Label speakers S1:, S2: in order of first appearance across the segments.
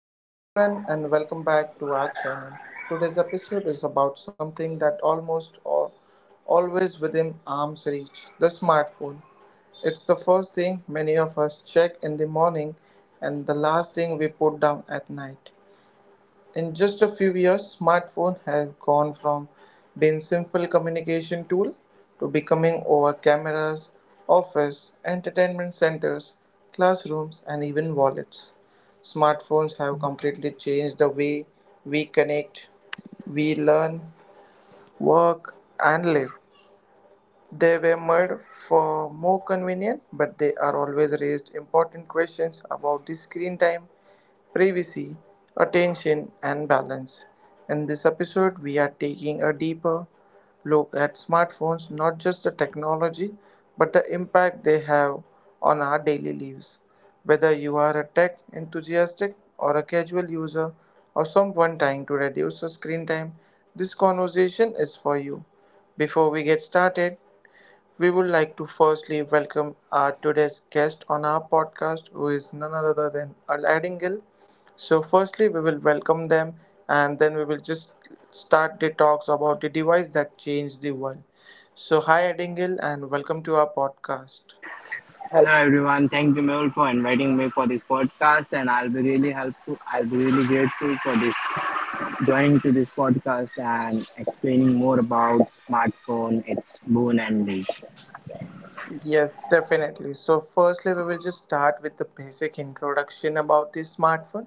S1: Hello, everyone, and welcome back to our channel. Today's episode is about something that almost always within arm's reach the smartphone. It's the first thing many of us check in the morning and the last thing we put down at night. In just a few years, smartphone have gone from being simple communication tool to becoming over cameras, office, entertainment centers, classrooms, and even wallets. Smartphones have completely changed the way we connect, we learn, work, and live. They were made for more convenience, but they are always raised important questions about the screen time, privacy, attention, and balance. In this episode, we are taking a deeper look at smartphones, not just the technology, but the impact they have on our daily lives. Whether you are a tech enthusiast or a casual user or someone trying to reduce the screen time, this conversation is for you. Before we get started, we would like to firstly welcome our today's guest on our podcast, who is none other than Aladdin Gill. So, firstly, we will welcome them and then we will just start the talks about the device that changed the world. So, hi, Adingle, and welcome to our podcast.
S2: Hello everyone. Thank you Mehul for inviting me for this podcast and I'll be really grateful for this joining to this podcast and explaining more about smartphone, its boon and niche.
S1: Yes, definitely. So, firstly, we will just start with the basic introduction about the smartphone.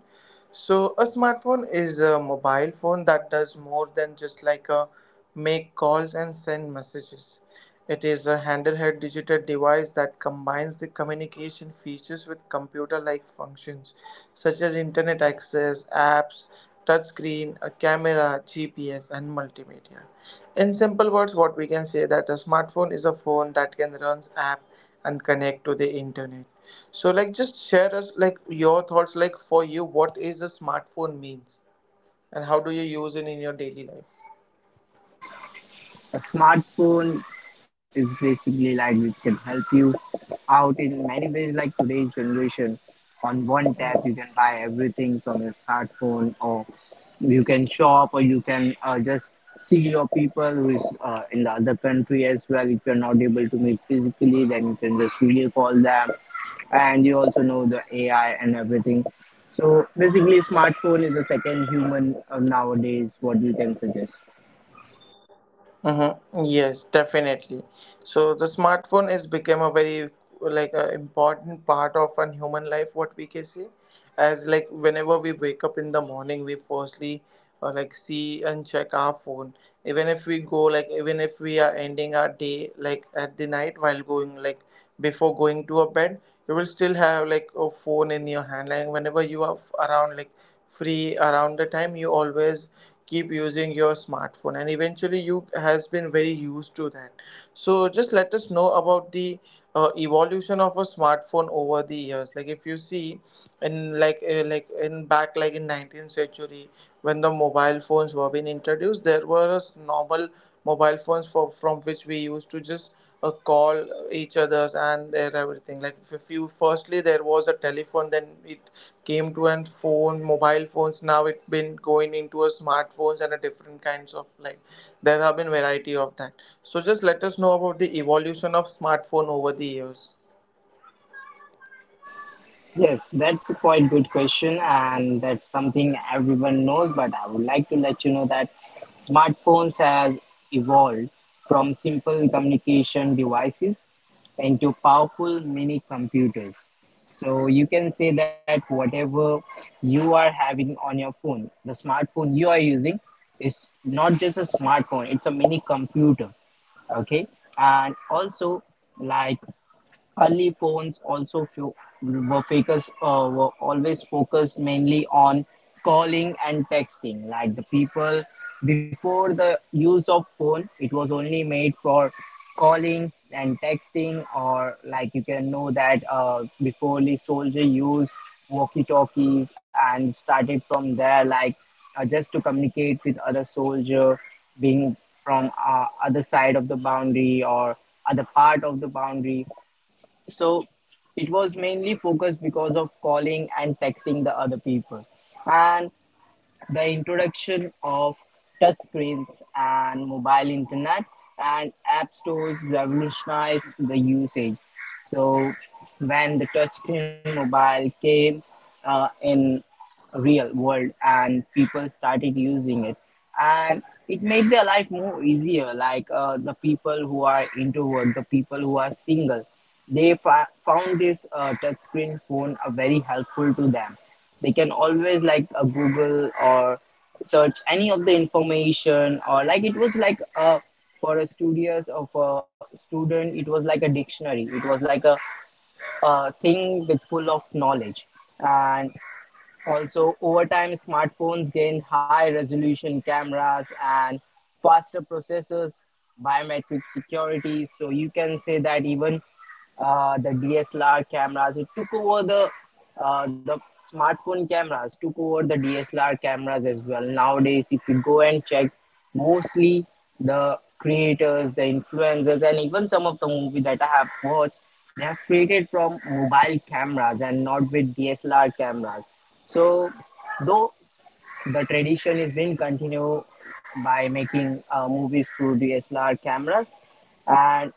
S1: So, a smartphone is a mobile phone that does more than just like a make calls and send messages. It is a handheld digital device that combines the communication features with computer like functions such as internet access, apps, touchscreen, a camera, GPS, and multimedia. In simple words, what we can say that a smartphone is a phone that can runs app and connect to the internet. So like just share us like your thoughts like for you what is a smartphone means and how do you use it in your daily life?
S2: A smartphone is basically like it can help you out in many ways. Like today's generation, on one tap you can buy everything from your smartphone, or you can shop, or you can just see your people who is in the other country as well. If you're not able to meet physically, then you can just video call them, and you also know the AI and everything. So basically, smartphone is a second human nowadays. What you can suggest?
S1: Mm-hmm. Yes, definitely. So the smartphone has become a very like a important part of a human life. What we can say, as like whenever we wake up in the morning, we firstly like see and check our phone. Even if we go like even if we are ending our day like at the night while going like before going to a bed, you will still have like a phone in your hand. Like whenever you are around like free around the time, you always keep using your smartphone and eventually you has been very used to that, so just let us know about the evolution of a smartphone over the years. Like if you see in like in back, like in 19th century when the mobile phones were being introduced, there were a normal mobile phones for, from which we used to just call each others and their everything, like if you firstly there was a telephone then it came to an phone mobile phones, now it been going into a smartphones and a different kinds of like there have been variety of that. So just let us know about the evolution of smartphone over the years.
S2: Yes, that's a quite good question, and that's something everyone knows. But I would like to let you know that smartphones has evolved from simple communication devices into powerful mini computers. So you can say that whatever you are having on your phone, the smartphone you are using is not just a smartphone; it's a mini computer, okay, and also like early phones also were focused. Were always focused mainly on calling and texting. Like the people before the use of phone, it was only made for calling and texting, or like you can know that before the soldier used walkie-talkies and started from there, like just to communicate with other soldier being from other side of the boundary or other part of the boundary, so it was mainly focused because of calling and texting the other people. And the introduction of touchscreens and mobile internet and app stores revolutionized the usage. So when the touchscreen mobile came in real world and people started using it, and it made their life more easier, like the people who are introvert, the people who are single, they found this touchscreen phone very helpful to them. They can always like Google or search any of the information, or like it was like for a studious of a student, it was like a dictionary. It was like a thing with full of knowledge. And also, over time, smartphones gained high resolution cameras and faster processors, biometric security. So, you can say that even the DSLR cameras, it took over the uh, the smartphone cameras took over the DSLR cameras as well. Nowadays, if you go and check, mostly the creators, the influencers, and even some of the movie that I have watched, they have created from mobile cameras and not with DSLR cameras. So, though the tradition is being continued by making movies through DSLR cameras. And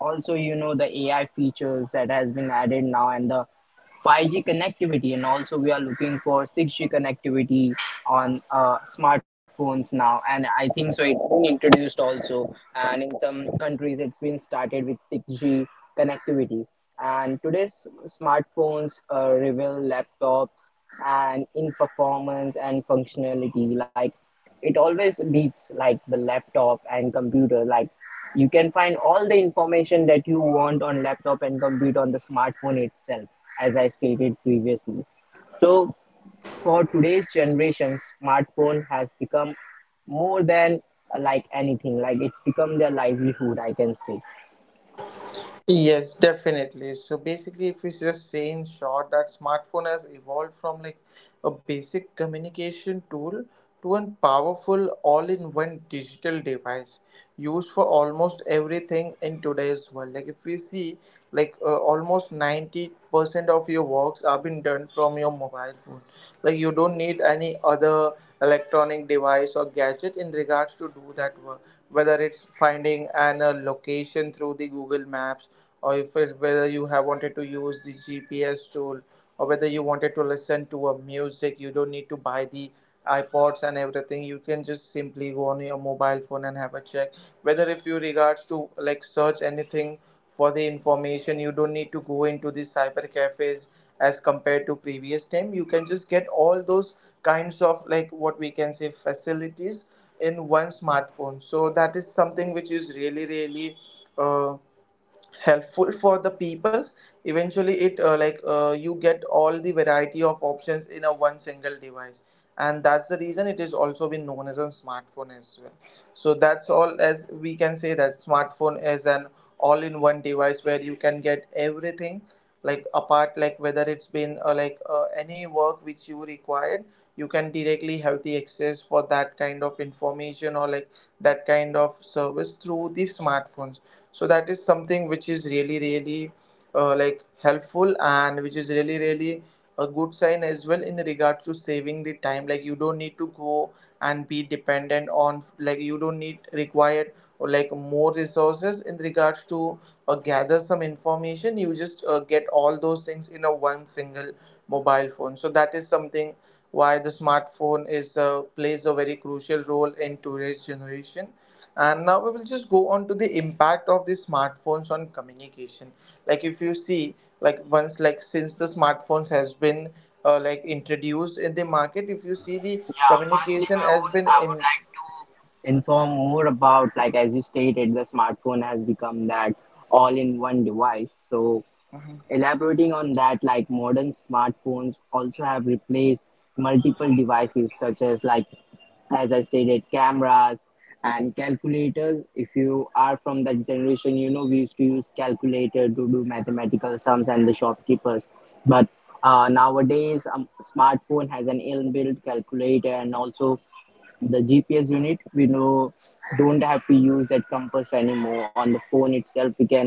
S2: also you know the AI features that has been added now and the 5G connectivity, and also we are looking for 6G connectivity on smartphones now, and I think so it's been introduced also, and in some countries it's been started with 6G connectivity. And today's smartphones rival laptops and in performance and functionality, like it always beats like the laptop and computer. Like you can find all the information that you want on laptop and computer on the smartphone itself, as I stated previously. So for today's generation, smartphone has become more than like anything. Like it's become their livelihood, I can say.
S1: Yes, definitely. So basically, if we just say in short that smartphone has evolved from like a basic communication tool to a powerful all-in-one digital device used for almost everything in today's world. Like if we see, like almost 90% of your works are being done from your mobile phone. Like you don't need any other electronic device or gadget in regards to do that work, whether it's finding an a location through the Google Maps or if it, whether you have wanted to use the GPS tool, or whether you wanted to listen to a music, you don't need to buy the iPods and everything. You can just simply go on your mobile phone and have a check. Whether if you regards to like search anything for the information, you don't need to go into the cyber cafes as compared to previous time. You can just get all those kinds of like what we can say facilities in one smartphone. So that is something which is really really. Uh, helpful for the peoples, eventually it like you get all the variety of options in a one single device, and that's the reason it is also been known as a smartphone as well. So that's all, as we can say that smartphone is an all-in-one device where you can get everything, like apart like whether it's been like any work which you required, you can directly have the access for that kind of information or like that kind of service through the smartphones. So that is something which is really really like helpful, and which is really really a good sign as well in regards to saving the time. Like you don't need to go and be dependent on, like you don't need required or like more resources in regards to gather some information, you just get all those things in a one single mobile phone. So that is something why the smartphone is plays a very crucial role in today's generation, and now we will just go on to the impact of the smartphones on communication. Like if you see, like once like since the smartphones has been like introduced in the market, if you see the
S2: Yeah, firstly,
S1: communication has
S2: Mehul,
S1: been
S2: I would
S1: in
S2: like to inform more about, like as you stated, the smartphone has become that all-in-one device. So elaborating on that, like modern smartphones also have replaced multiple devices such as like, as I stated, cameras and calculators. If you are from that generation, you know we used to use calculator to do mathematical sums and the shopkeepers. But nowadays, smartphone has an inbuilt calculator, and also the GPS unit, we know don't have to use that compass anymore. On the phone itself, we can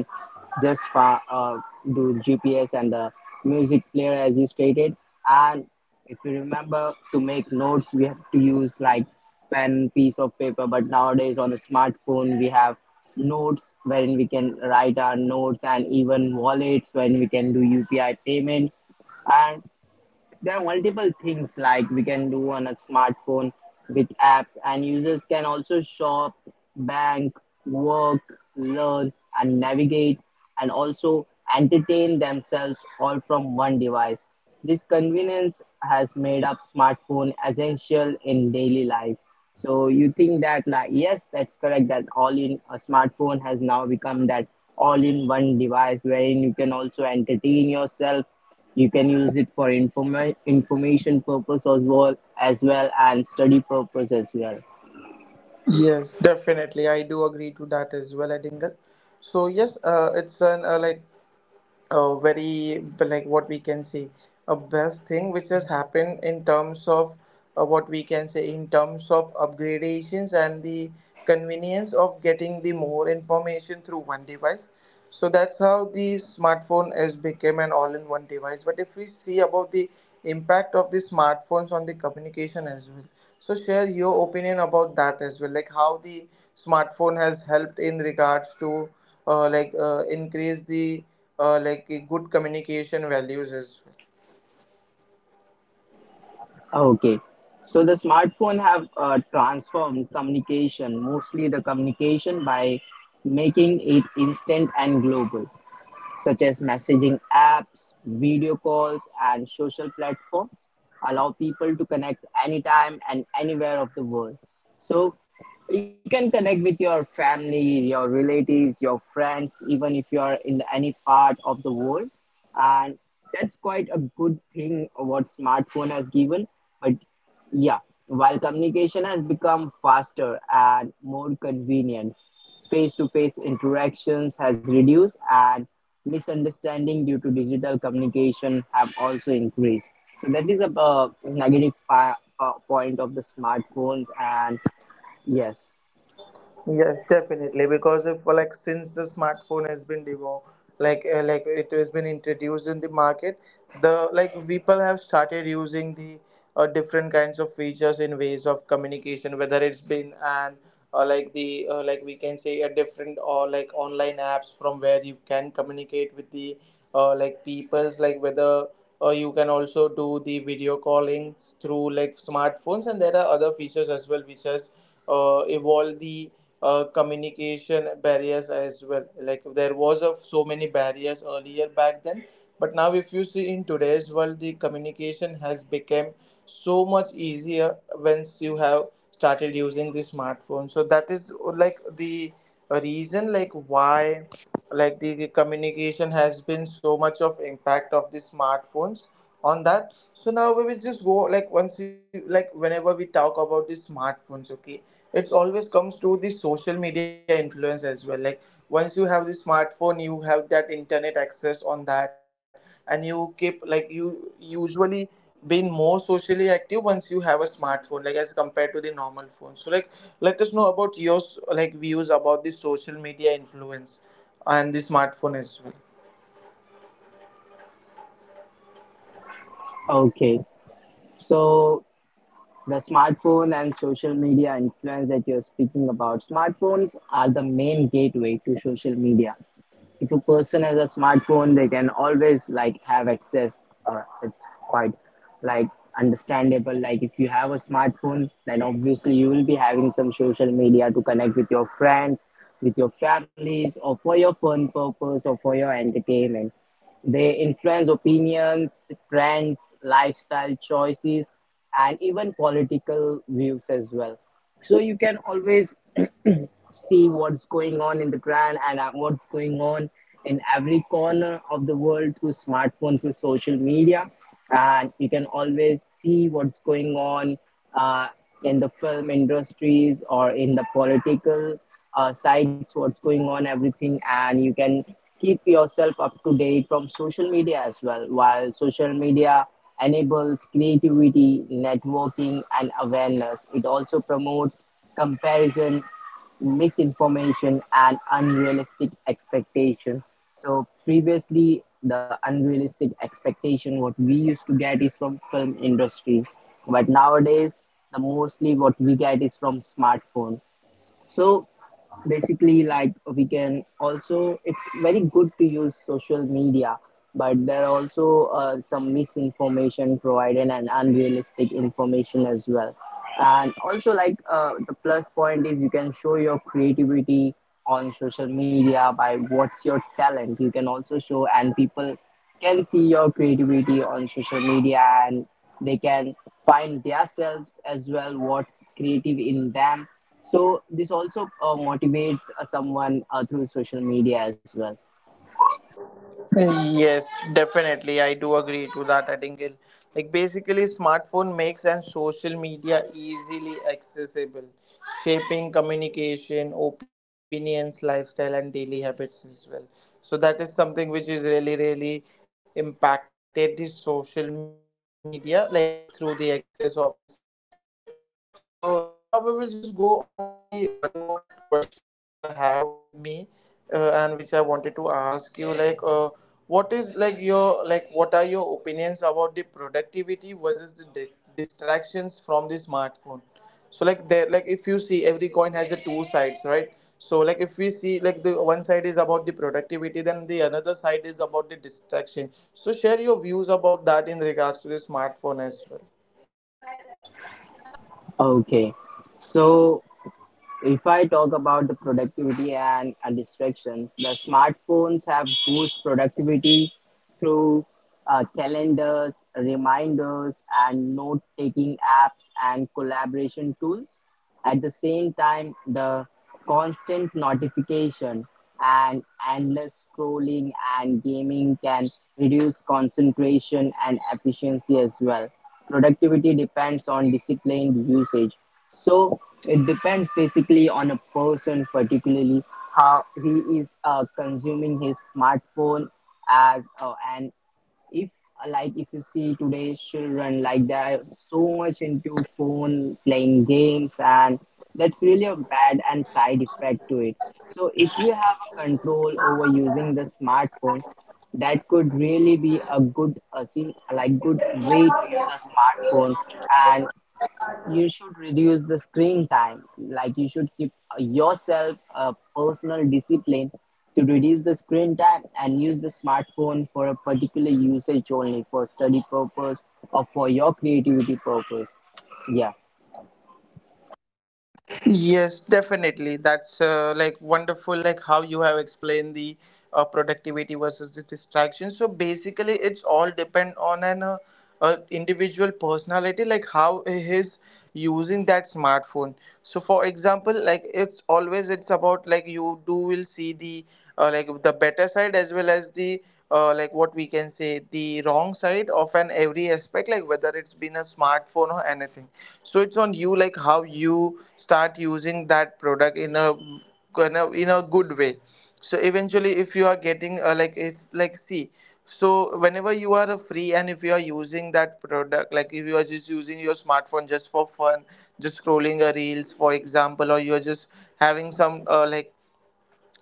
S2: just do GPS and the music player as you stated. And if you remember to make notes, we have to use like pen, piece of paper. But nowadays on the smartphone, we have notes wherein we can write our notes, and even wallets when we can do UPI payment. And there are multiple things like we can do on a smartphone with apps, and users can also shop, bank, work, learn, and navigate, and also entertain themselves all from one device. This convenience has made up smartphone essential in daily life. So you think that like, yes, that's correct, that all in a smartphone has now become that all in one device wherein you can also entertain yourself. You can use it for information purpose as well, as well, and study purpose as well.
S3: Yes, definitely. I do agree to that as well, Edingle. So yes, it's an very, like what we can say a best thing which has happened in terms of, what we can say in terms of upgradations and the convenience of getting the more information through one device. So that's how the smartphone has become an all-in-one device. But if we see about the impact of the smartphones on the communication as well, so share your opinion about that as well, like how the smartphone has helped in regards to, increase the, good communication values as well.
S2: Okay, so the smartphone have transformed communication, mostly the communication by making it instant and global, such as messaging apps, video calls, and social platforms allow people to connect anytime and anywhere of the world. So you can connect with your family, your relatives, your friends, even if you are in any part of the world. And that's quite a good thing what smartphone has given. But yeah, while communication has become faster and more convenient, face-to-face interactions has reduced, and misunderstanding due to digital communication have also increased. So that is a negative point of the smartphones, and yes.
S3: Yes, definitely. Because, if like since the smartphone has been devo like it has been introduced in the market, the like people have started using the, different kinds of features in ways of communication. Whether it's been an, like the like we can say a different or like online apps from where you can communicate with the, peoples, like whether you can also do the video calling through like smartphones, and there are other features as well which has evolved the, communication barriers as well. Like there was a, so many barriers earlier back then, but now if you see in today's world, the communication has become so much easier once you have started using the smartphone. So that is, the reason like why the communication has been so much of impact of the smartphones on that. So now we will just go, like once you like whenever we talk about the smartphones, okay, it always comes to the social media influence as well. Like once you have the smartphone, you have that internet access on that, and you keep like you usually been more socially active once you have a smartphone, like as compared to the normal phone. So like, let us know about your like views about the social media influence and the smartphone as well.
S2: Okay. So the smartphone and social media influence that you're speaking about, smartphones are the main gateway to social media. If a person has a smartphone, they can always like have access. It's quite like understandable, like if you have a smartphone then obviously you will be having some social media to connect with your friends, with your families, or for your fun purpose or for your entertainment. They influence opinions, trends, lifestyle choices, and even political views as well. So you can always see what's going on in the grand and what's going on in every corner of the world through smartphone, through social media. And you can always see what's going on uh, in the film industries or in the political sites, what's going on everything, and you can keep yourself up to date from social media as well. While social media enables creativity, networking, and awareness, it also promotes comparison, misinformation, and unrealistic expectation. So previously the unrealistic expectation what we used to get is from film industry, but nowadays the mostly what we get is from smartphone. So basically, like we can also, it's very good to use social media, but there are also some misinformation provided and unrealistic information as well. And also, like the plus point is you can show your creativity on social media by what's your talent. You can also show, and people can see your creativity on social media, and they can find themselves as well what's creative in them. So this also motivates someone through social media as well.
S3: Yes, definitely. I do agree to that. I Like basically, smartphone makes and social media easily accessible, shaping communication, opinions, lifestyle, and daily habits as well. So that is something which is really, really impacted the social media, like through the access of the smartphone. So now we will just go on to the one more question which I have with me, and which I wanted to ask you, like. What is like your like what are your opinions about the productivity versus the distractions from the smartphone? So like there like if you see, every coin has the two sides, right? So like if we see, like the one side is about the productivity, then the another side is about the distraction. So share your views about that in regards to the smartphone as well.
S2: Okay, so if I talk about the productivity and distraction, the smartphones have boost productivity through calendars, reminders, and note taking apps and collaboration tools. At the same time, the constant notification and endless scrolling and gaming can reduce concentration and efficiency as well. Productivity depends on disciplined usage. So it depends basically on a person, particularly how he is consuming his smartphone as an if, like if you see today's children, like they are so much into phone playing games, and that's really a bad and side effect to it. So if you have a control over using the smartphone, that could really be a good see, like good way to use a smartphone. And you should reduce the screen time, like you should keep yourself a personal discipline to reduce the screen time and use the smartphone for a particular usage only for study purpose or for your creativity purpose, yeah.
S3: Yes, definitely. That's like wonderful, like how you have explained the, productivity versus the distraction. So basically, it's all depend on an individual personality, like how he's using that smartphone. So for example, it's about like you do will see the, the better side as well as the, like what we can say the wrong side of an every aspect, like whether it's been a smartphone or anything. So it's on you, like how you start using that product in a in a good way. So eventually, if you are getting, like if like see so whenever you are free and if you are using that product, like if you are just using your smartphone just for fun, just scrolling a reels for example, or you're just having some, uh, like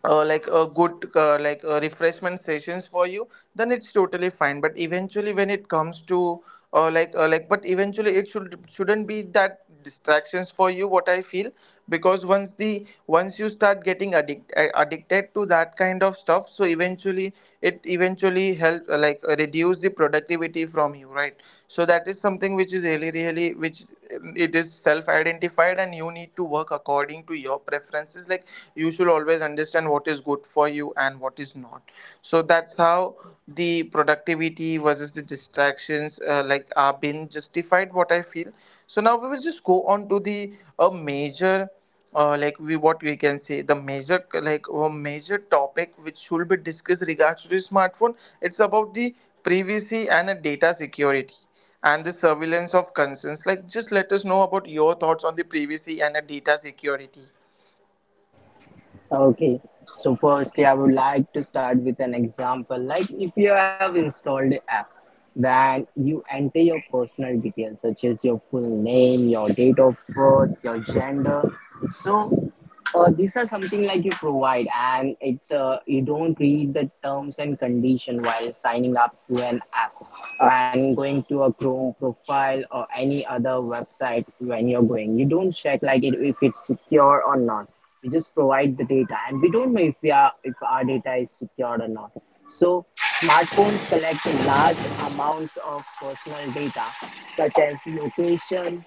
S3: uh, like a good, refreshment sessions for you, then it's totally fine. But eventually when it comes to, but eventually, it should shouldn't be that distractions for you, what I feel. Because once the once you start getting addicted to that kind of stuff, so eventually it eventually help, reduce the productivity from you, right? So that is something which is really, really, which, it is self identified, and you need to work according to your preferences. Like you should always understand what is good for you and what is not. So that's how the productivity versus the distractions, are being justified, what I feel. So now we will just go on to the a major, like we what we can say the major like a major topic which should be discussed regards to the smartphone. It's about the privacy and, data security and the surveillance of concerns. Like just let us know about your thoughts on the privacy and, data security.
S2: Okay, so firstly, I would like to start with an example. Like, if you have installed an app, then you enter your personal details, such as your full name, your date of birth, your gender. So, these are something like you provide, and it's you don't read the terms and condition while signing up to an app and going to a Chrome profile or any other website when you're going. You don't check like it, if it's secure or not. We just provide the data, and we don't know if we are, if our data is secured or not. So smartphones collect large amounts of personal data such as location,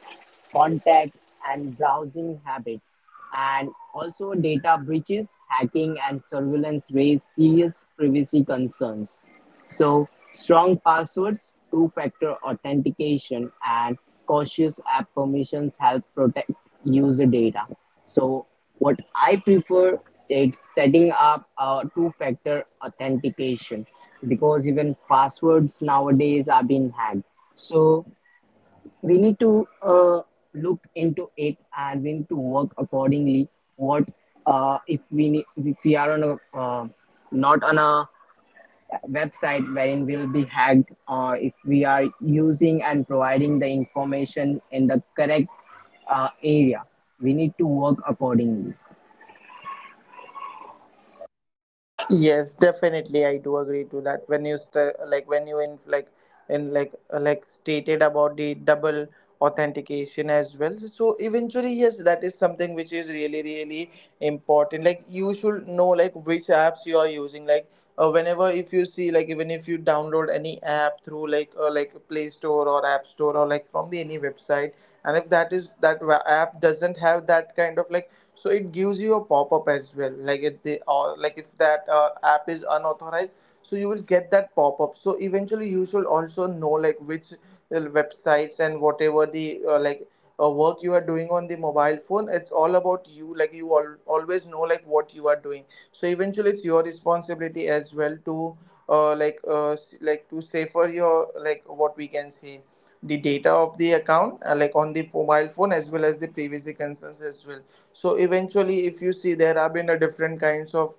S2: contacts, and browsing habits. And also data breaches, hacking, and surveillance raise serious privacy concerns. So, strong passwords, two-factor authentication, and cautious app permissions help protect user data. So, what I prefer is setting up a two-factor authentication, because even passwords nowadays are being hacked. So, we need to look into it, and we need to work accordingly. What if we need, if we are on a not on a website wherein we'll be hacked, or if we are using and providing the information in the correct area, we need to work accordingly.
S3: Yes, definitely, I do agree to that. When you st- like when you in like stated about the double authentication as well. So eventually, yes, that is something which is really, really important. Like you should know like which apps you are using. Like, whenever if you see, like even if you download any app through, Play Store or App Store or like from the any website, and if that app doesn't have that kind of like, so it gives you a pop-up as well, like if they or like if that, app is unauthorized, so you will get that pop-up. So eventually you should also know like which, websites and whatever the, work you are doing on the mobile phone, it's all about you. Like you always know like what you are doing. So eventually it's your responsibility as well to, to safer your, like what we can say the data of the account, on the mobile phone as well as the privacy concerns as well. So eventually if you see, there have been a different kinds of,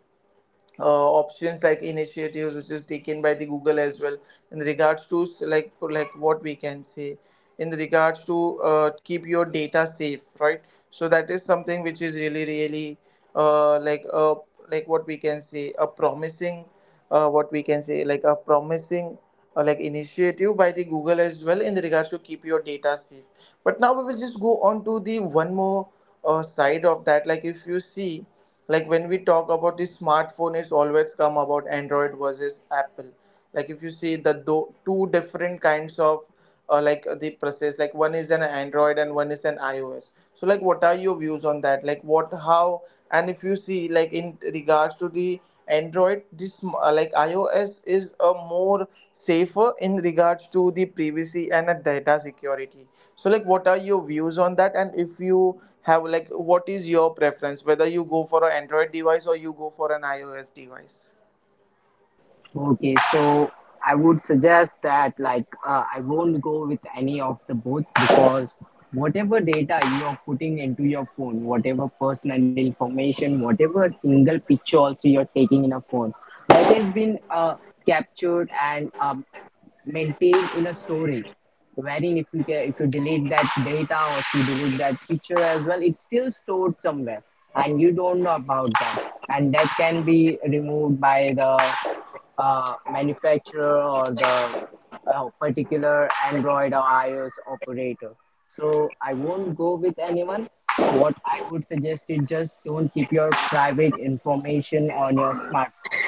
S3: options like initiatives which is taken by the Google as well, in regards to like what we can say in regards to, keep your data safe, right? So that is something which is really, really, uh, like uh, like what we can say a promising, what we can say like a promising, initiative by the Google as well, in regards to keep your data safe. But now we will just go on to the one more, side of that. Like if you see, like when we talk about the smartphone, it's always come about Android versus Apple. Like if you see the two different kinds of, the process, like one is an Android and one is an iOS. So like what are your views on that, like what how and if you see, like in regards to the Android, this, iOS is a more safer in regards to the privacy and, data security. So like what are your views on that? And if you have like, what is your preference, whether you go for an Android device or you go for an iOS device?
S2: Okay, so I would suggest that I won't go with any of the both, because whatever data you are putting into your phone, whatever personal information, whatever single picture also you're taking in a phone, that has been captured and maintained in a storage, wherein if you get if you delete that data or if you delete that picture as well, it's still stored somewhere and you don't know about that, and that can be removed by the manufacturer or the particular android or ios operator. So I won't go with anyone. What I would suggest is just don't keep your private information on your smartphone.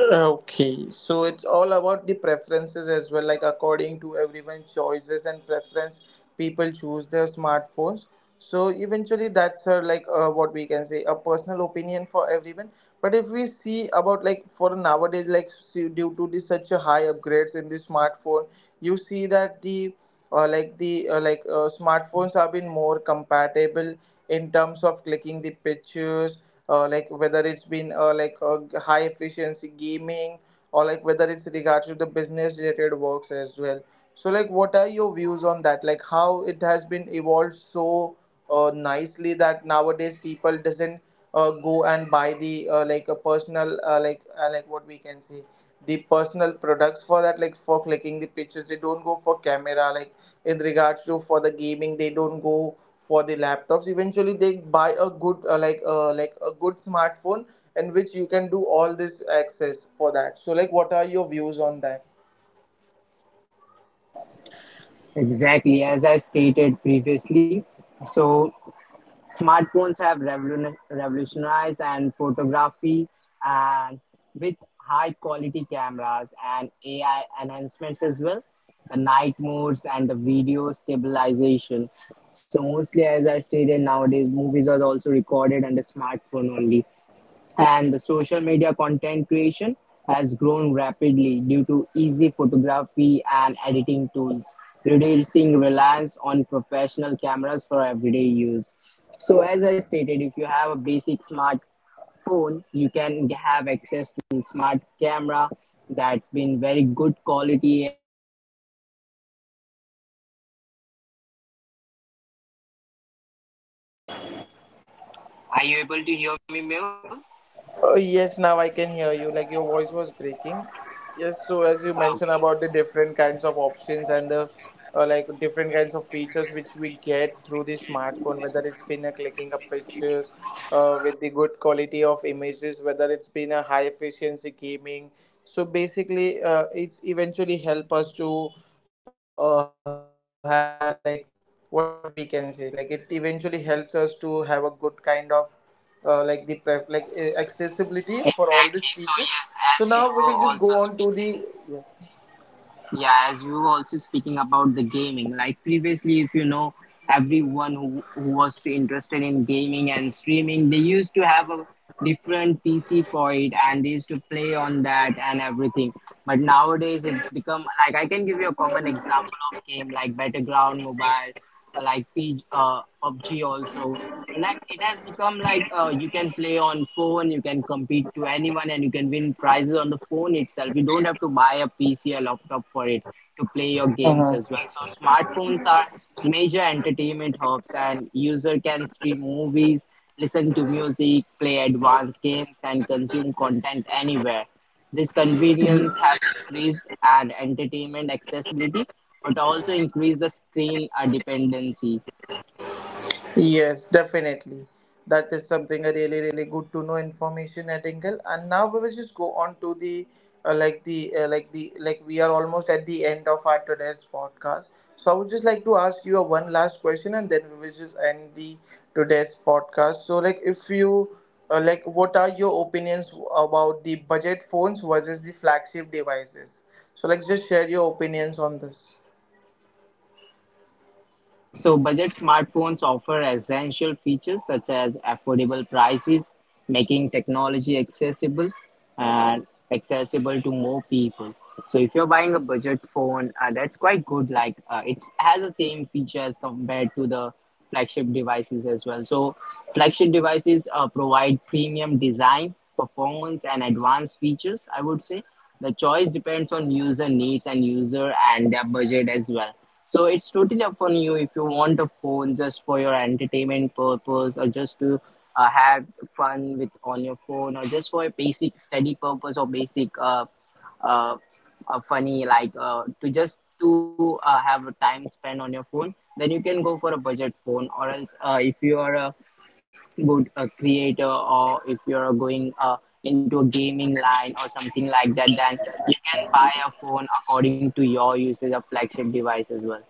S3: Okay, so it's all about the preferences as well. Like according to everyone's choices and preference, people choose their smartphones. So eventually, that's like what we can say a personal opinion for everyone. But if we see about like for nowadays, like see, due to the such a high upgrades in the smartphone, you see that the, smartphones have been more compatible in terms of clicking the pictures, like whether it's been like high efficiency gaming, or like whether it's regards to the business related works as well. So like what are your views on that, like how it has been evolved so nicely, that nowadays people doesn't go and buy the, like a personal like what we can say the personal products for that. Like for clicking the pictures they don't go for camera, like in regards to for the gaming they don't go for the laptops. Eventually they buy a good, a good smartphone in which you can do all this access for that. So like what are your views on that?
S2: Exactly, as I stated previously. So smartphones have revolutionized and photography, and with high quality cameras and AI enhancements as well, the night modes and the video stabilization. So mostly, as I stated, nowadays movies are also recorded on the smartphone only, and the social media content creation has grown rapidly due to easy photography and editing tools, reducing reliance on professional cameras for everyday use. So, as I stated, if you have a basic smartphone, you can have access to smart camera that's been very good quality. Are you able to hear me, Mehul?
S3: Oh, yes, now I can hear you. Like your voice was breaking. Yes, so as you
S2: Okay.
S3: mentioned about the different kinds of options and the, different kinds of features which we get through the smartphone, whether it's been a clicking up pictures, with the good quality of images, whether it's been a high efficiency gaming. So basically, it's eventually help us to, have a like, what we can say like it eventually helps us to have a good kind of, like the pref- like accessibility for all these features. So now we
S2: Exactly.
S3: will
S2: So
S3: just go
S2: yes,
S3: on to
S2: as we
S3: the
S2: were also speaking, yeah, as we were also speaking about the gaming, like previously, if you know, everyone who was interested in gaming and streaming, they used to have a different PC for it and they used to play on that and everything. But nowadays, it's become like, I can give you a common example of game like Battleground Mobile, like PUBG also. Like it has become like, you can play on phone, you can compete to anyone, and you can win prizes on the phone itself. You don't have to buy a pc or laptop for it to play your games as
S3: yes.
S2: well. So smartphones are major entertainment hubs, and user can stream movies, listen to music, play advanced games, and consume content anywhere. This convenience has increased and entertainment accessibility, but also increased the screen dependency.
S3: Yes, definitely. That is something a really, really good to know information at Engel. And now we will just go on to the we are almost at the end of our today's podcast. So I would just like to ask you a one last question, and then we will just end the today's podcast. So like, if you like, what are your opinions about the budget phones versus the flagship devices? So like, just share your opinions on this.
S2: Okay, so budget smartphones offer essential features such as affordable prices, making technology accessible and accessible to more people. So if you're buying a budget phone, that's quite good. Like it has the same features compared to the flagship devices as well. So flagship devices provide premium design, performance, and advanced features. I would say the choice depends on user needs and user and their budget as well. So it's totally up on you, if you want a phone just for your entertainment purpose, or just to have fun with on your phone, or just for a basic study purpose, or basic uh, funny like to just to have a time spent on your phone, then you can go for a budget phone. Or else, if you are a good creator, or if you are going into a gaming line or something like that, then you can buy a phone according to your usage of flagship device as well.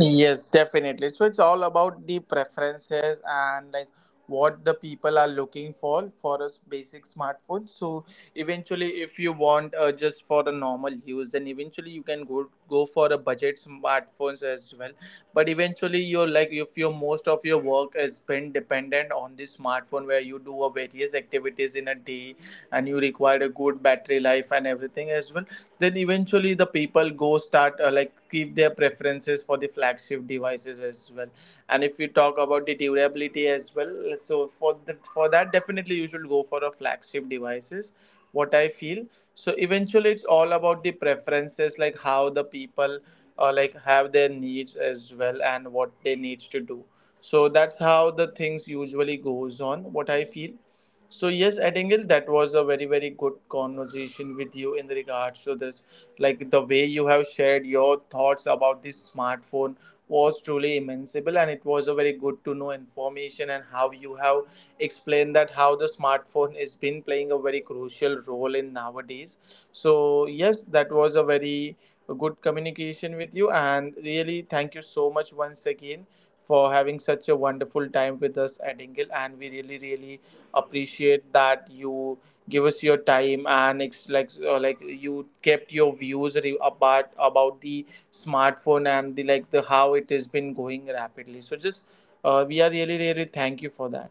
S3: Yes, definitely. So it's all about the preferences and like what the people are looking for a basic smartphone. So eventually, if you want just for a normal use, then eventually you can go for a budget smartphones as well. But eventually, you're like if your most of your work has been dependent on the smartphone, where you do a various activities in a day, and you require a good battery life and everything as well, then eventually the people go start like keep their preferences for the flagship devices as well. And if we talk about the durability as well, so for that definitely you should go for a flagship devices, what I feel. So eventually it's all about the preferences like how the people like have their needs as well and what they needs to do, so that's how the things usually goes on, what I feel. So yes, at that was a very very good conversation with you in regards to this. Like the way you have shared your thoughts about this smartphone was truly immensible, and it was a very good to know information and how you have explained that how the smartphone has been playing a very crucial role in nowadays. So yes, that was a very good communication with you, and really thank you so much once again for having such a wonderful time with us at, and we really really appreciate that you give us your time. And it's like you kept your views about the smartphone and the like the how it has been going rapidly. So just we are really really thank you for that.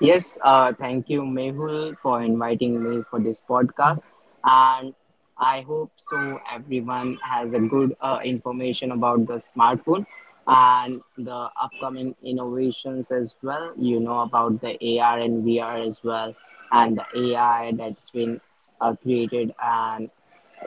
S2: Yes, thank you, Mehul, for inviting me for this podcast. And I hope so everyone has a good information about the smartphone and the upcoming innovations as well. You know, about the AR and VR as well, and the AI that's been created. And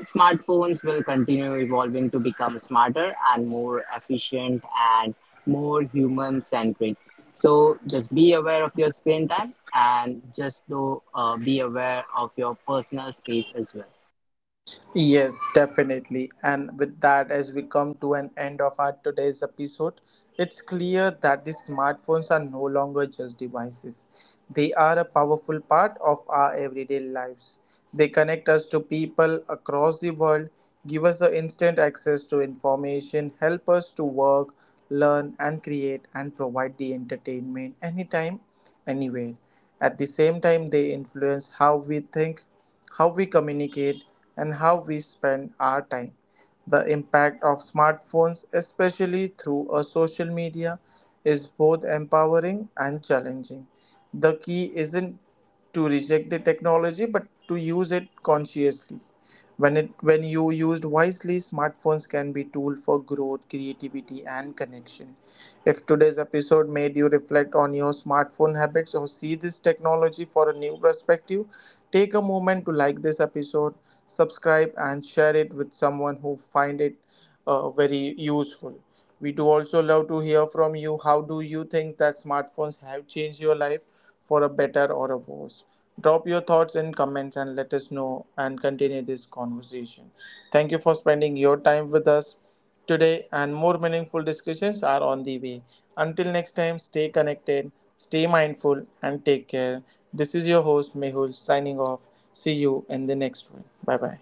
S2: smartphones will continue evolving to become smarter and more efficient and more human centric. So just be aware of your screen time, and just be aware of your personal space as well.
S3: Yes, definitely. And with that, as we come to an end of our today's episode, it's clear that the smartphones are no longer just devices. They are a powerful part of our everyday lives. They connect us to people across the world, give us the instant access to information, help us to work, learn, and create, and provide the entertainment anytime, anywhere. At the same time, they influence how we think, how we communicate, and how we spend our time. The impact of smartphones, especially through a social media, is both empowering and challenging. The key isn't to reject the technology but to use it consciously. When you used wisely, smartphones can be tool for growth, creativity, and connection. If today's episode made you reflect on your smartphone habits or see this technology for a new perspective, take a moment to like this episode, subscribe, and share it with someone who find it very useful. We do also love to hear from you. How do you think that smartphones have changed your life for a better or a worse? Drop your thoughts in comments and let us know and continue this conversation. Thank you for spending your time with us today, and more meaningful discussions are on the way. Until next time, stay connected, stay mindful, and take care. This is your host, Mehul, signing off. See you in the next one. Bye bye.